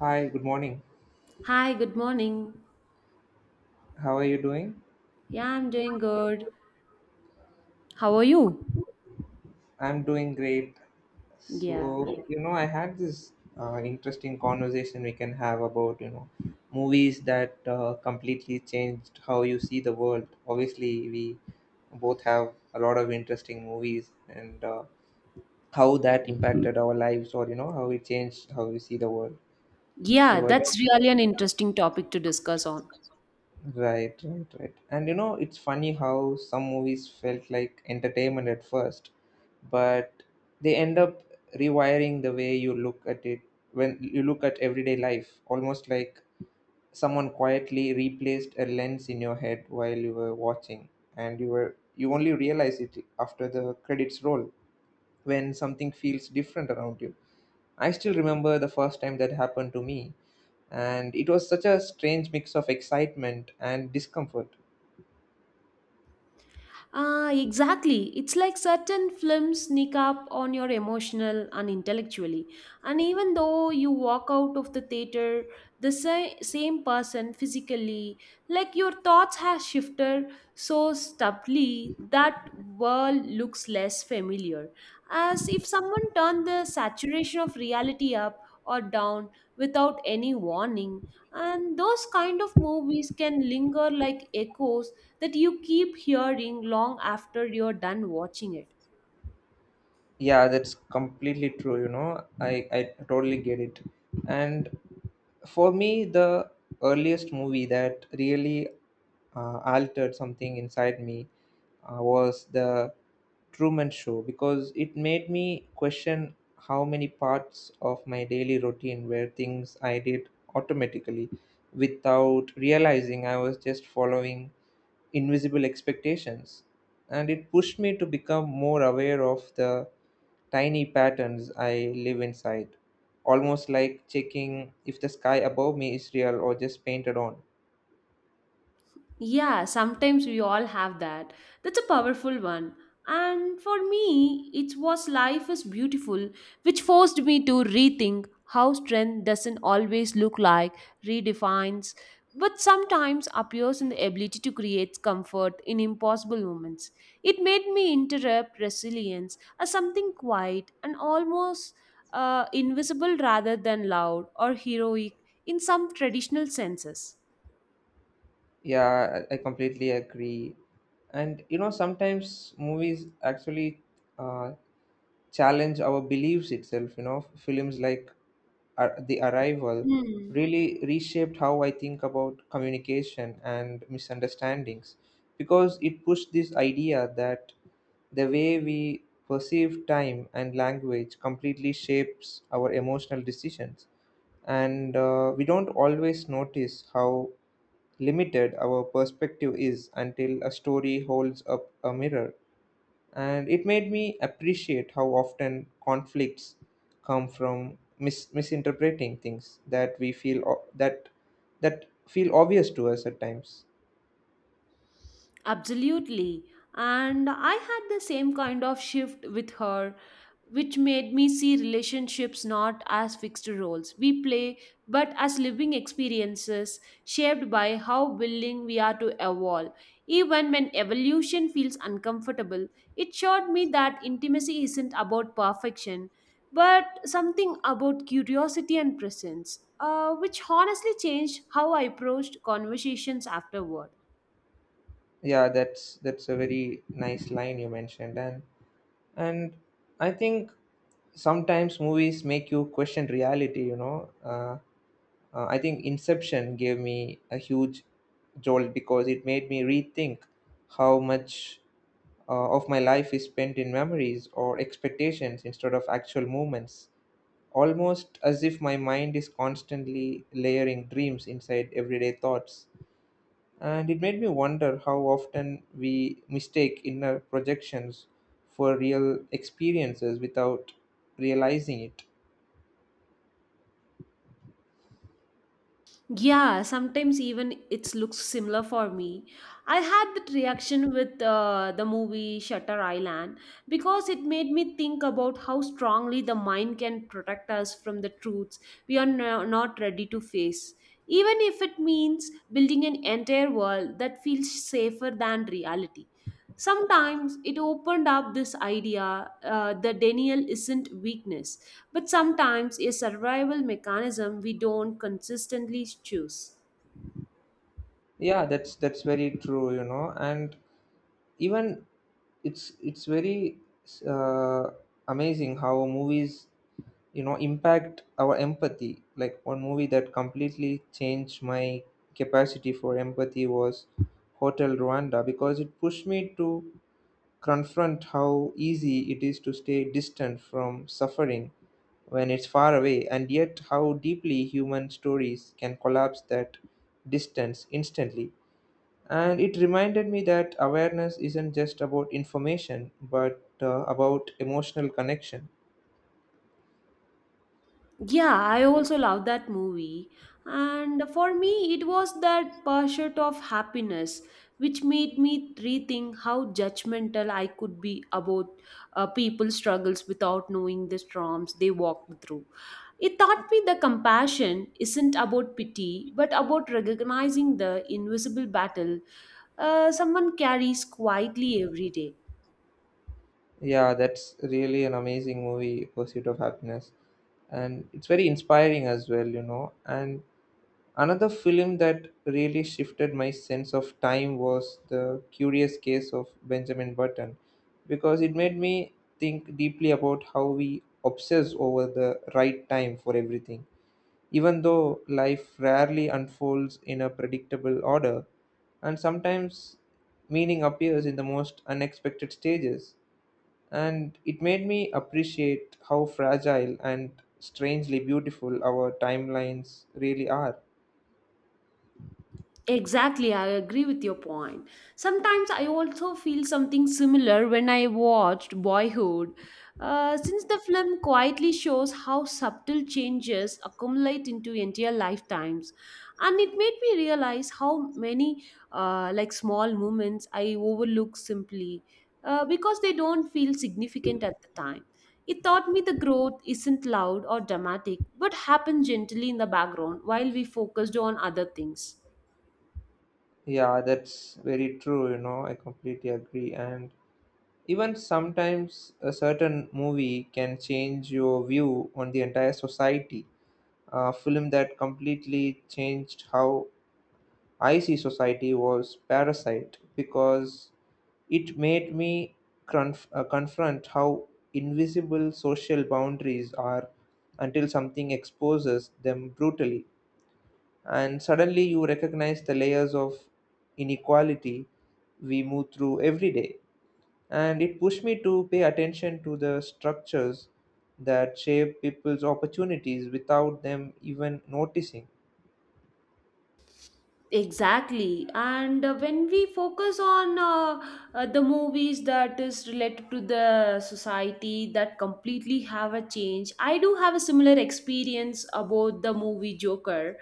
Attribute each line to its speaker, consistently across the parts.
Speaker 1: Hi, good morning.
Speaker 2: Hi, good morning.
Speaker 1: How are you doing?
Speaker 2: Yeah, I'm doing good. How are you?
Speaker 1: I'm doing great. So,
Speaker 2: Yeah.
Speaker 1: yeah, I had this interesting conversation we can have about, movies that completely changed how you see the world. Obviously, we both have a lot of interesting movies and how that impacted our lives or, how it changed how we see the world.
Speaker 2: Yeah,
Speaker 1: So, I do
Speaker 2: that's really an interesting topic to discuss on.
Speaker 1: Right, right, right. And it's funny how some movies felt like entertainment at first, but they end up rewiring the way you look at it when you look at everyday life, almost like someone quietly replaced a lens in your head while you were watching, and you only realize it after the credits roll when something feels different around you. I still remember the first time that happened to me, and it was such a strange mix of excitement and discomfort.
Speaker 2: Ah, exactly. It's like certain films sneak up on your emotional and intellectually. And even though you walk out of the theater the same person physically, like your thoughts have shifted so subtly that world looks less familiar. As if someone turned the saturation of reality up or down without any warning. And those kind of movies can linger like echoes that you keep hearing long after you're done watching it.
Speaker 1: Yeah, that's completely true. You know, I totally get it. And for me, the earliest movie that really altered something inside me was the Truman Show, because it made me question how many parts of my daily routine were things I did automatically without realizing I was just following invisible expectations, and it pushed me to become more aware of the tiny patterns I live inside, almost like checking if the sky above me is real or just painted on.
Speaker 2: Yeah, sometimes we all have that. That's a powerful one. And for me, it was Life is Beautiful, which forced me to rethink how strength doesn't always look like, redefines, but sometimes appears in the ability to create comfort in impossible moments. It made me interrupt resilience as something quiet and almost invisible rather than loud or heroic in some traditional senses.
Speaker 1: Yeah, I completely agree. And sometimes movies actually uh, challenge our beliefs itself. Films like the Arrival
Speaker 2: Hmm.
Speaker 1: really reshaped how I think about communication and misunderstandings, because it pushed this idea that the way we perceive time and language completely shapes our emotional decisions, and we don't always notice how limited our perspective is until a story holds up a mirror, and it made me appreciate how often conflicts come from misinterpreting things that we feel, that feel obvious to us at times.
Speaker 2: Absolutely. And I had the same kind of shift with her, which made me see relationships not as fixed roles we play, but as living experiences shaped by how willing we are to evolve. Even when evolution feels uncomfortable, it showed me that intimacy isn't about perfection, but something about curiosity and presence, which honestly changed how I approached conversations afterward.
Speaker 1: Yeah, that's a very nice line you mentioned. And I think sometimes movies make you question reality. I think Inception gave me a huge jolt, because it made me rethink how much of my life is spent in memories or expectations instead of actual moments, almost as if my mind is constantly layering dreams inside everyday thoughts. And it made me wonder how often we mistake inner projections for real experiences without realizing it.
Speaker 2: Yeah, sometimes even it looks similar for me. I had that reaction with the movie Shutter Island because it made me think about how strongly the mind can protect us from the truths we are not ready to face, even if it means building an entire world that feels safer than reality. Sometimes it opened up this idea that denial isn't weakness but sometimes a survival mechanism we don't consistently choose.
Speaker 1: Yeah, that's very true. And even it's very uh, amazing how movies impact our empathy, like one movie that completely changed my capacity for empathy was Hotel Rwanda, because it pushed me to confront how easy it is to stay distant from suffering when it's far away, and yet how deeply human stories can collapse that distance instantly. And it reminded me that awareness isn't just about information, but about emotional connection.
Speaker 2: Yeah, I also love that movie, and for me, it was that pursuit of happiness which made me rethink how judgmental I could be about people's struggles without knowing the storms they walked through. It taught me that compassion isn't about pity, but about recognizing the invisible battle someone carries quietly every day.
Speaker 1: Yeah, that's really an amazing movie, Pursuit of Happiness. And it's very inspiring as well. And another film that really shifted my sense of time was The Curious Case of Benjamin Button, because it made me think deeply about how we obsess over the right time for everything, even though life rarely unfolds in a predictable order, and sometimes meaning appears in the most unexpected stages, and it made me appreciate how fragile and strangely beautiful our timelines really are.
Speaker 2: Exactly, I agree with your point. Sometimes I also feel something similar when I watched Boyhood, since the film quietly shows how subtle changes accumulate into entire lifetimes, and it made me realize how many like small moments I overlook simply because they don't feel significant at the time. It taught me the growth isn't loud or dramatic, but happens gently in the background while we focused on other things.
Speaker 1: Yeah, that's very true, I completely agree. And even sometimes a certain movie can change your view on the entire society. A film that completely changed how icy society was Parasite, because it made me confront how invisible social boundaries are until something exposes them brutally, and suddenly you recognize the layers of inequality we move through every day, and it pushed me to pay attention to the structures that shape people's opportunities without them even noticing.
Speaker 2: Exactly. And when we focus on the movies that is related to the society that completely have a change, I do have a similar experience about the movie Joker,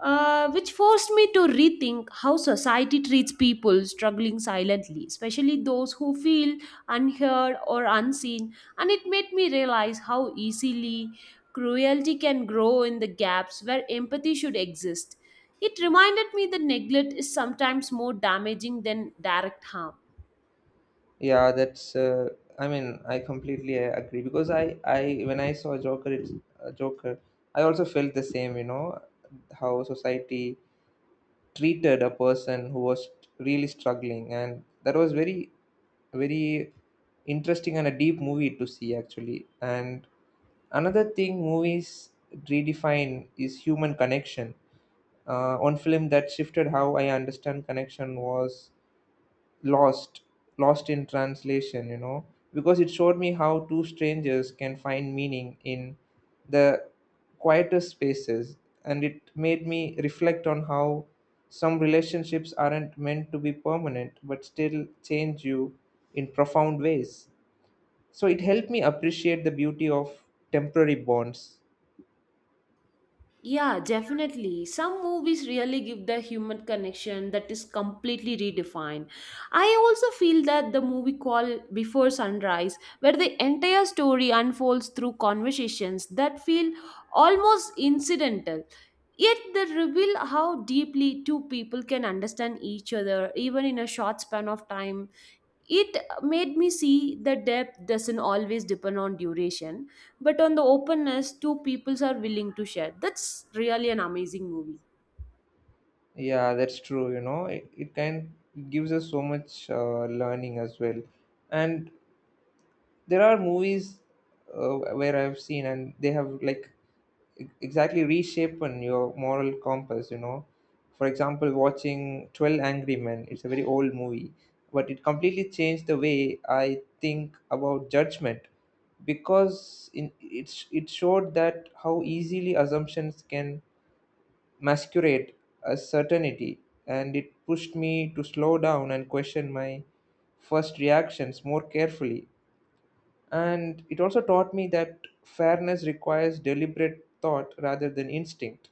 Speaker 2: which forced me to rethink how society treats people struggling silently, especially those who feel unheard or unseen. And it made me realize how easily cruelty can grow in the gaps where empathy should exist. It reminded me that neglect is sometimes more damaging than direct harm.
Speaker 1: Yeah, that's. I mean, I completely agree, because I when I saw Joker, uh, Joker, I also felt the same. You know, how society treated a person who was really struggling, and that was very, very interesting and a deep movie to see actually. And another thing movies redefine is human connection. One film that shifted how I understand connection was lost lost in Translation, because it showed me how two strangers can find meaning in the quietest spaces, and it made me reflect on how some relationships aren't meant to be permanent but still change you in profound ways, so it helped me appreciate the beauty of temporary bonds.
Speaker 2: Yeah, definitely. Some movies really give the human connection that is completely redefined. I also feel that the movie called Before Sunrise, where the entire story unfolds through conversations that feel almost incidental, yet they reveal how deeply two people can understand each other even in a short span of time. It made me see that depth doesn't always depend on duration but on the openness two peoples are willing to share. That's really an amazing movie.
Speaker 1: Yeah, that's true, you know. It gives us so much learning as well. And there are movies where I've seen, and they have like exactly reshapen your moral compass, for example, watching 12 Angry Men. It's a very old movie, but it completely changed the way I think about judgment, because it showed that how easily assumptions can masquerade as certainty, and it pushed me to slow down and question my first reactions more carefully, and it also taught me that fairness requires deliberate thought rather than instinct.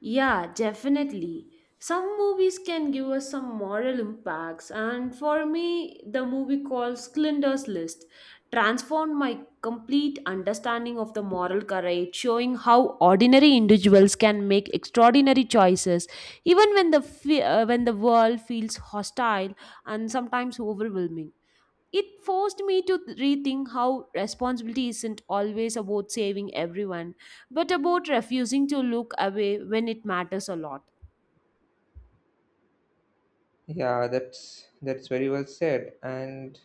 Speaker 2: Yeah, definitely. Some movies can give us some moral impacts, and for me, the movie called Schindler's List transformed my complete understanding of the moral courage, showing how ordinary individuals can make extraordinary choices, even when the when the world feels hostile and sometimes overwhelming. It forced me to rethink how responsibility isn't always about saving everyone, but about refusing to look away when it matters a lot.
Speaker 1: Yeah, that's very well said. And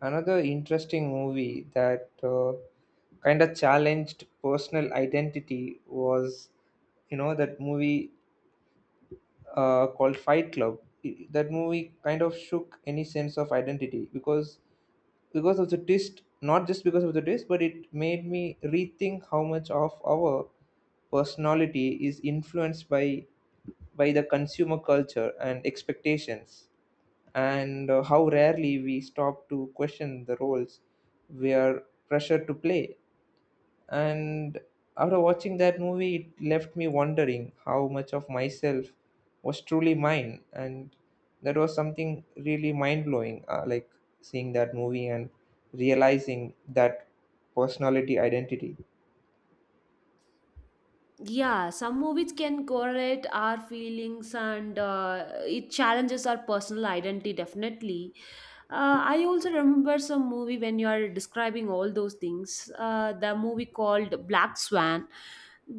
Speaker 1: another interesting movie that kind of challenged personal identity was, that movie called Fight Club. That movie kind of shook any sense of identity, because of the twist. Not just because of the twist, but it made me rethink how much of our personality is influenced by the consumer culture and expectations, and how rarely we stop to question the roles we are pressured to play. And after watching that movie, it left me wondering how much of myself was truly mine. And that was something really mind blowing, like seeing that movie and realizing that personality identity.
Speaker 2: Yeah, some movies can correlate our feelings and it challenges our personal identity definitely. I also remember some movie when you are describing all those things. The movie called Black Swan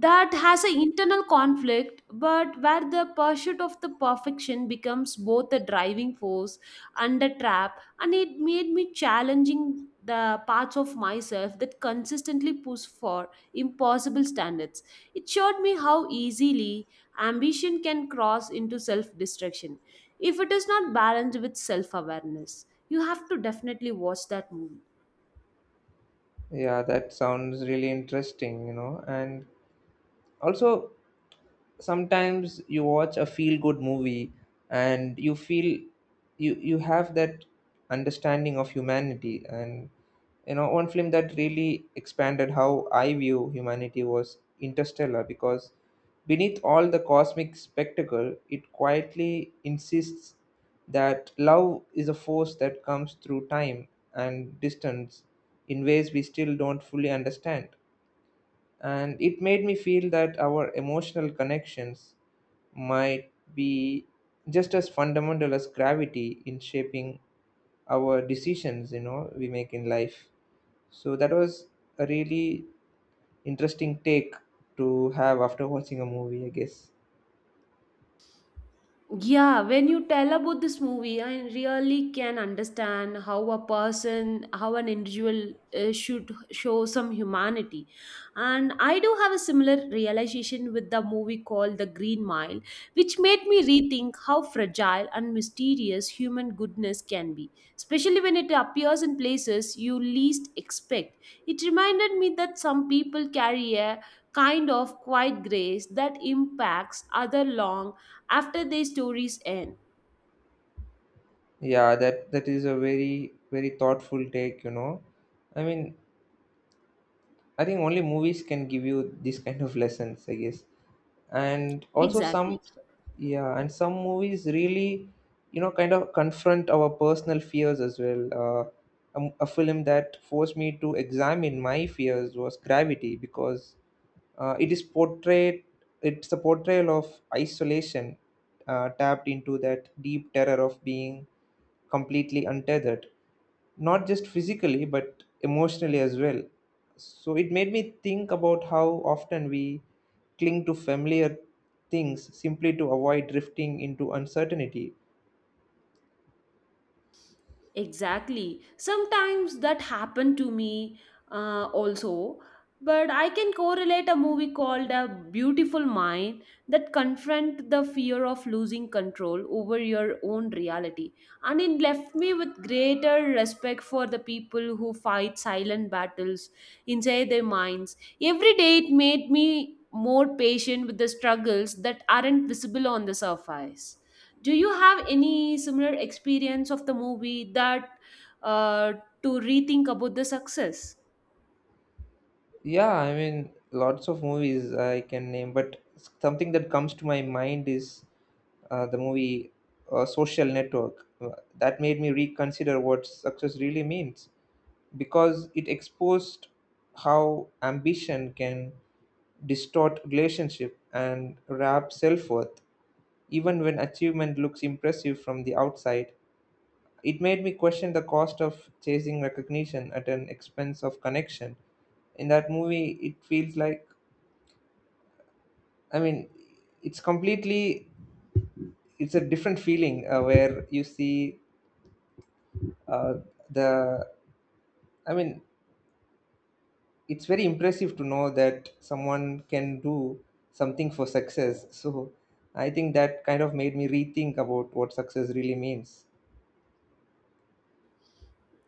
Speaker 2: that has an internal conflict, but where the pursuit of the perfection becomes both a driving force and a trap, and it made me challenging the parts of myself that consistently push for impossible standards. It showed me how easily ambition can cross into self destruction if it is not balanced with self awareness. You have to definitely watch that movie.
Speaker 1: Yeah, that sounds really interesting. And also, sometimes you watch a feel good movie, and you feel you have that understanding of humanity. And one film that really expanded how I view humanity was Interstellar, because beneath all the cosmic spectacle it quietly insists that love is a force that comes through time and distance in ways we still don't fully understand, and it made me feel that our emotional connections might be just as fundamental as gravity in shaping our decisions we make in life. So that was a really interesting take to have after watching a movie, I guess.
Speaker 2: Yeah, when you tell about this movie, I really can understand how a person, how an individual should show some humanity. And I do have a similar realization with the movie called The Green Mile, which made me rethink how fragile and mysterious human goodness can be, especially when it appears in places you least expect. It reminded me that some people carry a kind of quiet grace that impacts other long after their stories end.
Speaker 1: Yeah, that is a very, very thoughtful take, I mean. I think only movies can give you these kind of lessons, I guess. And also
Speaker 2: Exactly.
Speaker 1: yeah, and some movies really, kind of confront our personal fears as well. A film that forced me to examine my fears was Gravity, because uh, it is portrayed, it's a portrayal of isolation, tapped into that deep terror of being completely untethered, not just physically but emotionally as well. So it made me think about how often we cling to familiar things simply to avoid drifting into uncertainty.
Speaker 2: Exactly. Sometimes that happened to me also, but I can correlate a movie called A Beautiful Mind that confront the fear of losing control over your own reality. And it left me with greater respect for the people who fight silent battles inside their minds. Every day it made me more patient with the struggles that aren't visible on the surface. Do you have any similar experience of the movie that uh, to rethink about the success?
Speaker 1: Yeah, I mean, lots of movies I can name, but something that comes to my mind is the movie Social Network. That made me reconsider what success really means, because it exposed how ambition can distort relationship and wrap self worth, even when achievement looks impressive from the outside. It made me question the cost of chasing recognition at an expense of connection. In that movie, it feels like, I mean, it's completely, it's a different feeling where you see, uh, the, I mean, it's very impressive to know that someone can do something for success. So I think that kind of made me rethink about what success really means.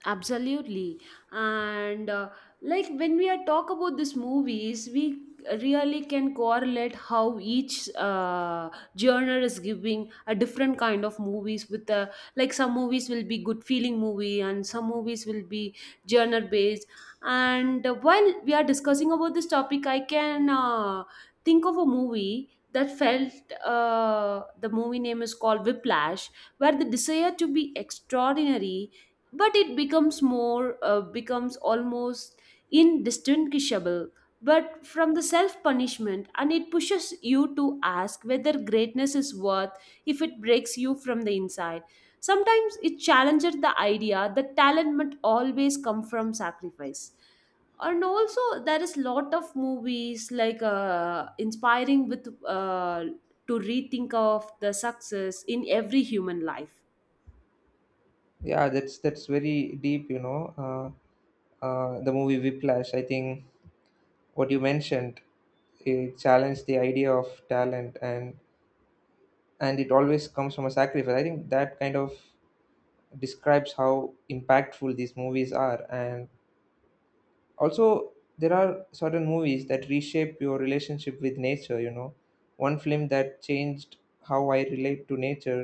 Speaker 2: Absolutely. And like when we are talk about these movies, we really can correlate how each genre is giving a different kind of movies with the like some movies will be good feeling movie and some movies will be genre based. And while we are discussing about this topic, I can think of a movie that felt the movie name is called Whiplash, where the desire to be extraordinary but it becomes more becomes almost indistinguishable but from the self punishment, and it pushes you to ask whether greatness is worth if it breaks you from the inside. Sometimes it challenges the idea that talent must always come from sacrifice, and also there is lot of movies like inspiring with to rethink of the success in every human life.
Speaker 1: Yeah, that's very deep. The movie Whiplash, I think what you mentioned, it challenged the idea of talent, and it always comes from a sacrifice. I think that kind of describes how impactful these movies are. And also, there are certain movies that reshape your relationship with nature. One film that changed how I relate to nature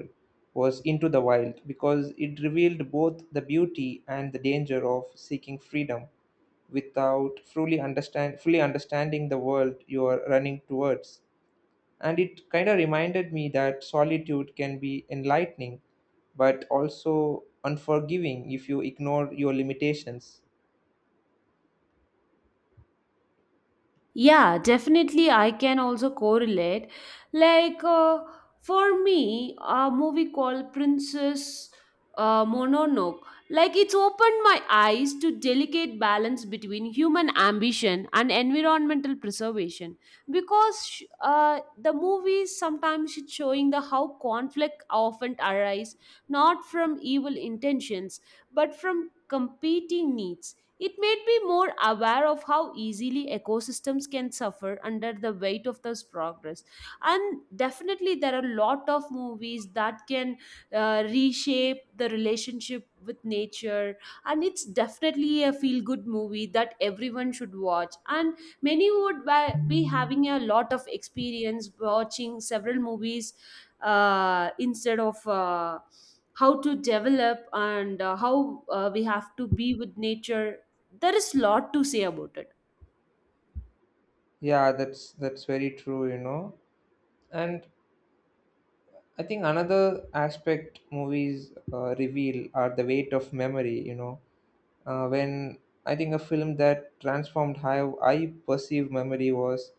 Speaker 1: was Into the Wild, because it revealed both the beauty and the danger of seeking freedom without fully understanding the world you are running towards, and it kind of reminded me that solitude can be enlightening but also unforgiving if you ignore your limitations.
Speaker 2: Yeah, definitely. I can also correlate. Like for me, a movie called Princess Mononoke, like it's opened my eyes to delicate balance between human ambition and environmental preservation. Because the movies sometimes it's showing the how conflict often arise not from evil intentions but from competing needs. It made me more aware of how easily ecosystems can suffer under the weight of this progress. And definitely, there are a lot of movies that can reshape the relationship with nature. And it's definitely a feel good movie that everyone should watch. And many would be having a lot of experience watching several movies instead of. How to develop and how we have to be with nature. There is lot to say about it.
Speaker 1: Yeah, that's very true. And I think another aspect movies reveal are the weight of memory. When I think a film that transformed how I perceive memory was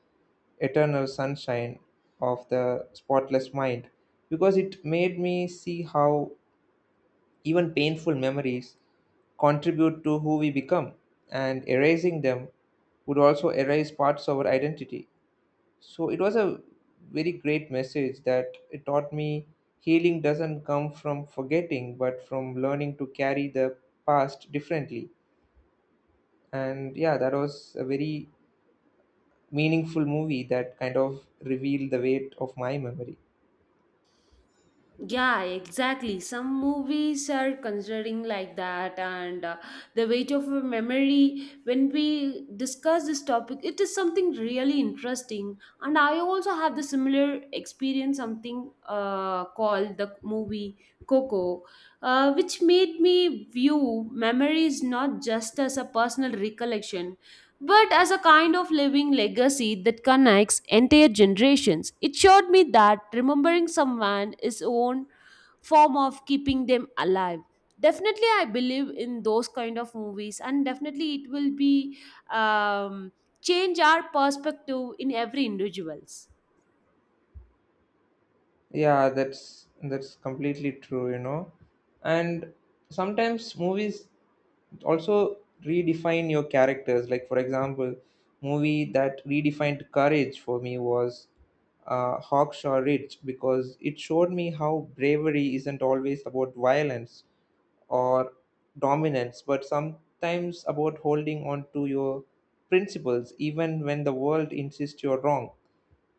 Speaker 1: Eternal Sunshine of the Spotless Mind, because it made me see how even painful memories contribute to who we become, and erasing them would also erase parts of our identity. So it was a very great message that it taught me healing doesn't come from forgetting, but from learning to carry the past differently. And yeah, that was a very meaningful movie that kind of revealed the weight of my memory.
Speaker 2: Yeah, exactly. Some movies are considering like that, and the weight of a memory when we discuss this topic, it is something really interesting, and I also have the similar experience something called the movie Coco, which made me view memories not just as a personal recollection but as a kind of living legacy that connects entire generations. It showed me that remembering someone is own form of keeping them alive. Definitely, I believe in those kind of movies, and definitely it will be um, change our perspective in every individuals.
Speaker 1: Yeah, that's completely true, you know. And sometimes movies also redefine your characters, like for example movie that redefined courage for me was Hawkshaw Ridge, because it showed me how bravery isn't always about violence or dominance, but sometimes about holding on to your principles even when the world insists you're wrong.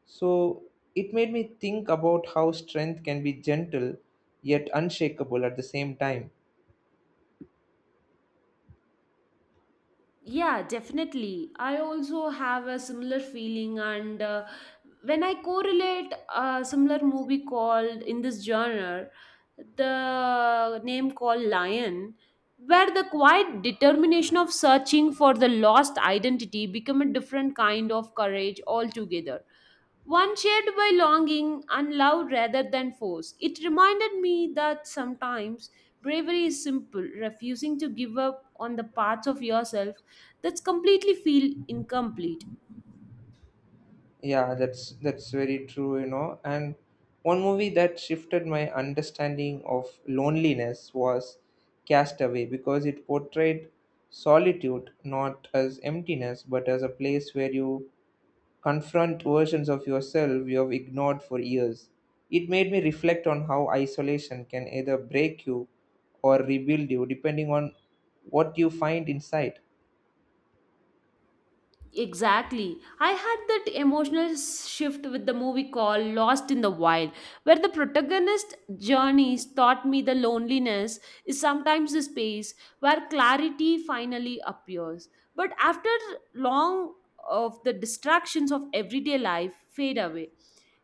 Speaker 1: So it made me think about how strength can be gentle yet unshakable at the same time.
Speaker 2: Yeah, definitely. I also have a similar feeling, and when I correlate a similar movie called in this genre, the name called Lion, where the quiet determination of searching for the lost identity become a different kind of courage altogether, one shared by longing and love rather than force. It reminded me that sometimes bravery is simple, refusing to give up on the parts of yourself that's completely feel incomplete.
Speaker 1: Yeah, that's very true, you know. And one movie that shifted my understanding of loneliness was Castaway, because it portrayed solitude not as emptiness but as a place where you confront versions of yourself you have ignored for years. It made me reflect on how isolation can either break you or rebuild you depending on what you find inside.
Speaker 2: Exactly. I had that emotional shift with the movie called Lost in the Wild, where the protagonist's journeys taught me the loneliness is sometimes the space where clarity finally appears. But after long of the distractions of everyday life fade away,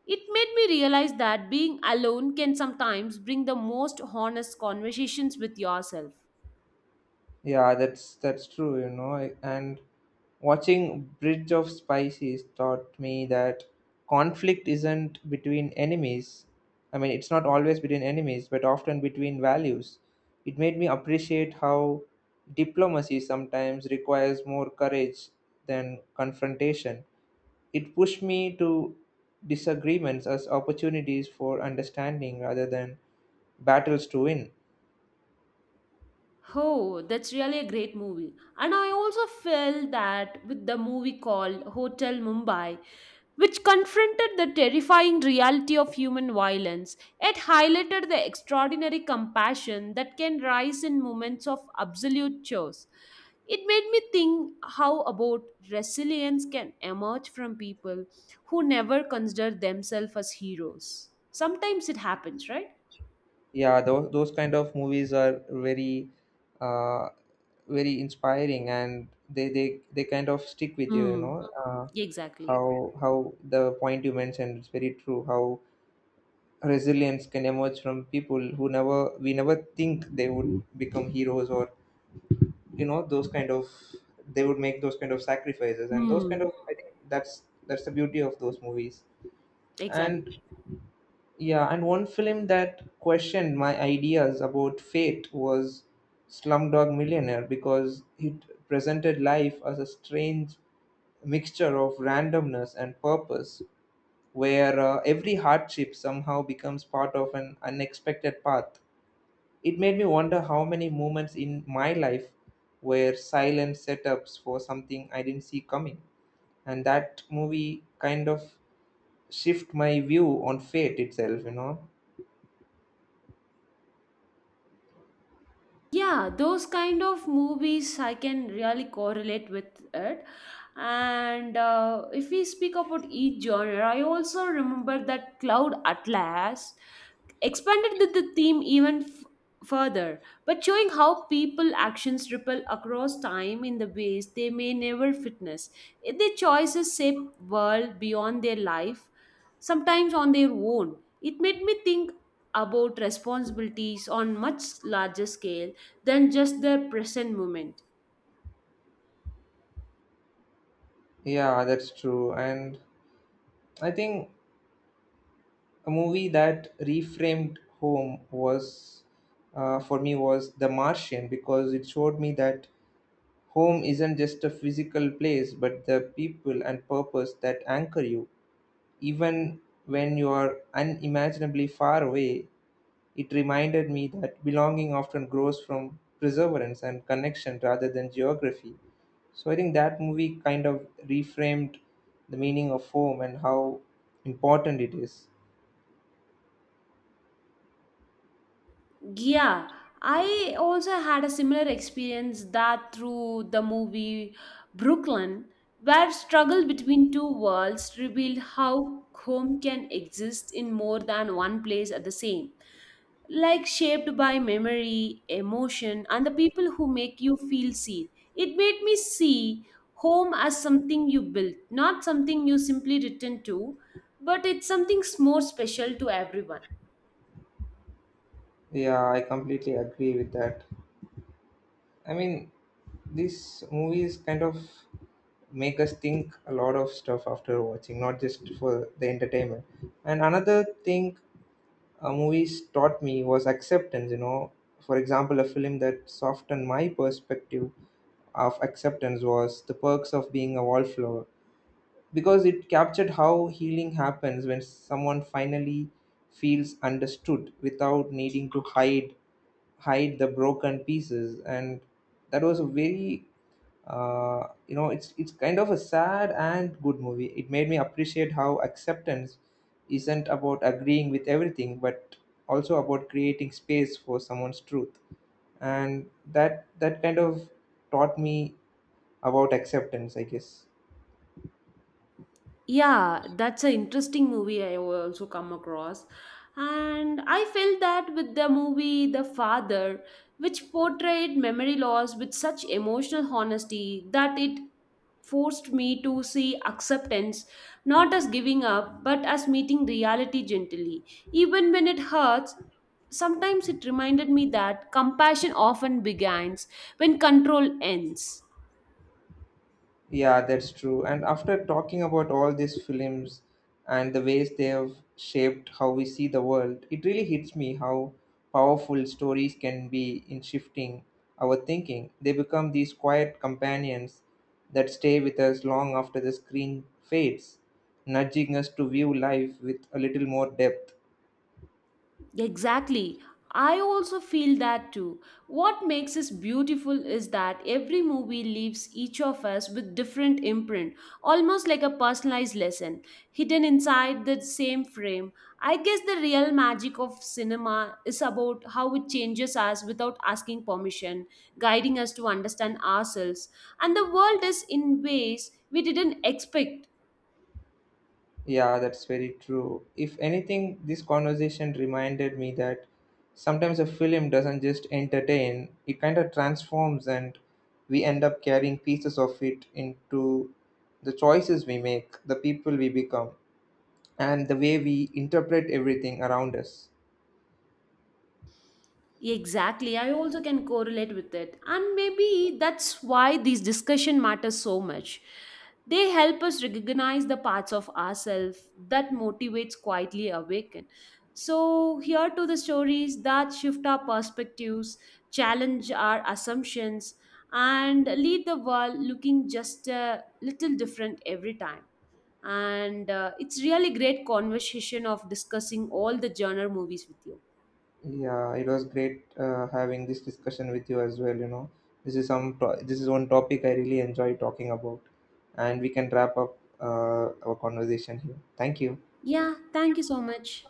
Speaker 2: it made me realize that being alone can sometimes bring the most honest conversations with yourself.
Speaker 1: Yeah, that's true, you know. And watching Bridge of Spices taught me that conflict isn't between enemies. I mean, it's not always between enemies, but often between values. It made me appreciate how diplomacy sometimes requires more courage than confrontation. It pushed me to disagreements as opportunities for understanding rather than battles to win.
Speaker 2: Oh, that's really a great movie. And I also felt that with the movie called Hotel Mumbai, which confronted the terrifying reality of human violence, it highlighted the extraordinary compassion that can rise in moments of absolute chaos. It made me think how about resilience can emerge from people who never consider themselves as heroes. Sometimes it happens, right?
Speaker 1: Yeah, those kind of movies are very uh, very inspiring, and they kind of stick with you, you
Speaker 2: Mm,
Speaker 1: know.
Speaker 2: exactly.
Speaker 1: How the point you mentioned is very true, how resilience can emerge from people who never we never think they would become heroes, or you know those kind of, they would make those kind of sacrifices and those kind
Speaker 2: Mm,
Speaker 1: of, I think that's the beauty of those movies.
Speaker 2: exactly.
Speaker 1: And yeah, and one film that questioned my ideas about fate was Slumdog Millionaire, because it presented life as a strange mixture of randomness and purpose, where every hardship somehow becomes part of an unexpected path. It made me wonder how many moments in my life were silent setups for something I didn't see coming. And that movie kind of shift my view on fate itself, you know.
Speaker 2: Yeah, those kind of movies I can really correlate with it, and if we speak about each genre I also remember that Cloud Atlas expanded the theme even further but showing how people actions ripple across time in the ways they may never witness. If their choices shape world beyond their life sometimes on their own, it made me think about responsibilities on much larger scale than just the present moment.
Speaker 1: Yeah, that's true. And I think a movie that reframed home was, for me, was The Martian, because it showed me that home isn't just a physical place, but the people and purpose that anchor you, even when you are unimaginably far away. It reminded me that belonging often grows from perseverance and connection rather than geography. So I think that movie kind of reframed the meaning of home and how important it is.
Speaker 2: Yeah, I also had a similar experience that through the movie Brooklyn, where struggle between two worlds revealed how home can exist in more than one place at the same, like shaped by memory, emotion, and the people who make you feel seen. It made me see home as something you built, not something you simply return to, but it's something more special to everyone.
Speaker 1: Yeah, I completely agree with that. I mean, these movies kind of make us think a lot of stuff after watching, not just for the entertainment. And another thing, movies taught me was acceptance, you know. For example, a film that softened my perspective of acceptance was The Perks of Being a Wallflower, because it captured how healing happens when someone finally feels understood without needing to hide the broken pieces. And that was a very you know, it's kind of a sad and good movie. It made me appreciate how acceptance isn't about agreeing with everything but also about creating space for someone's truth. And that kind of taught me about acceptance, I guess.
Speaker 2: Yeah, that's an interesting movie I also come across. And I felt that with the movie The Father, which portrayed memory loss with such emotional honesty that it forced me to see acceptance not as giving up but as meeting reality gently. Even when it hurts, sometimes it reminded me that compassion often begins when control ends.
Speaker 1: Yeah, that's true. And after talking about all these films and the ways they have shaped how we see the world, it really hits me how powerful stories can be in shifting our thinking. They become these quiet companions that stay with us long after the screen fades, nudging us to view life with a little more depth.
Speaker 2: Exactly. I also feel that too. What makes this beautiful is that every movie leaves each of us with different imprint, almost like a personalized lesson hidden inside the same frame. I guess the real magic of cinema is about how it changes us without asking permission, guiding us to understand ourselves and the world is in ways we didn't expect.
Speaker 1: Yeah, that's very true. If anything, this conversation reminded me that sometimes a film doesn't just entertain, it kind of transforms, and we end up carrying pieces of it into the choices we make, the people we become, and the way we interpret everything around us.
Speaker 2: Exactly. I also can correlate with it. And maybe that's why these discussion matters so much. They help us recognize the parts of ourselves that motivates quietly awaken. So here to the stories that shift our perspectives, challenge our assumptions, and lead the world looking just a little different every time. And it's really great conversation of discussing all the genre movies with you.
Speaker 1: Yeah, it was great having this discussion with you as well. You know, this is this is one topic I really enjoy talking about, and we can wrap up our conversation here. Thank you.
Speaker 2: Yeah, thank you so much.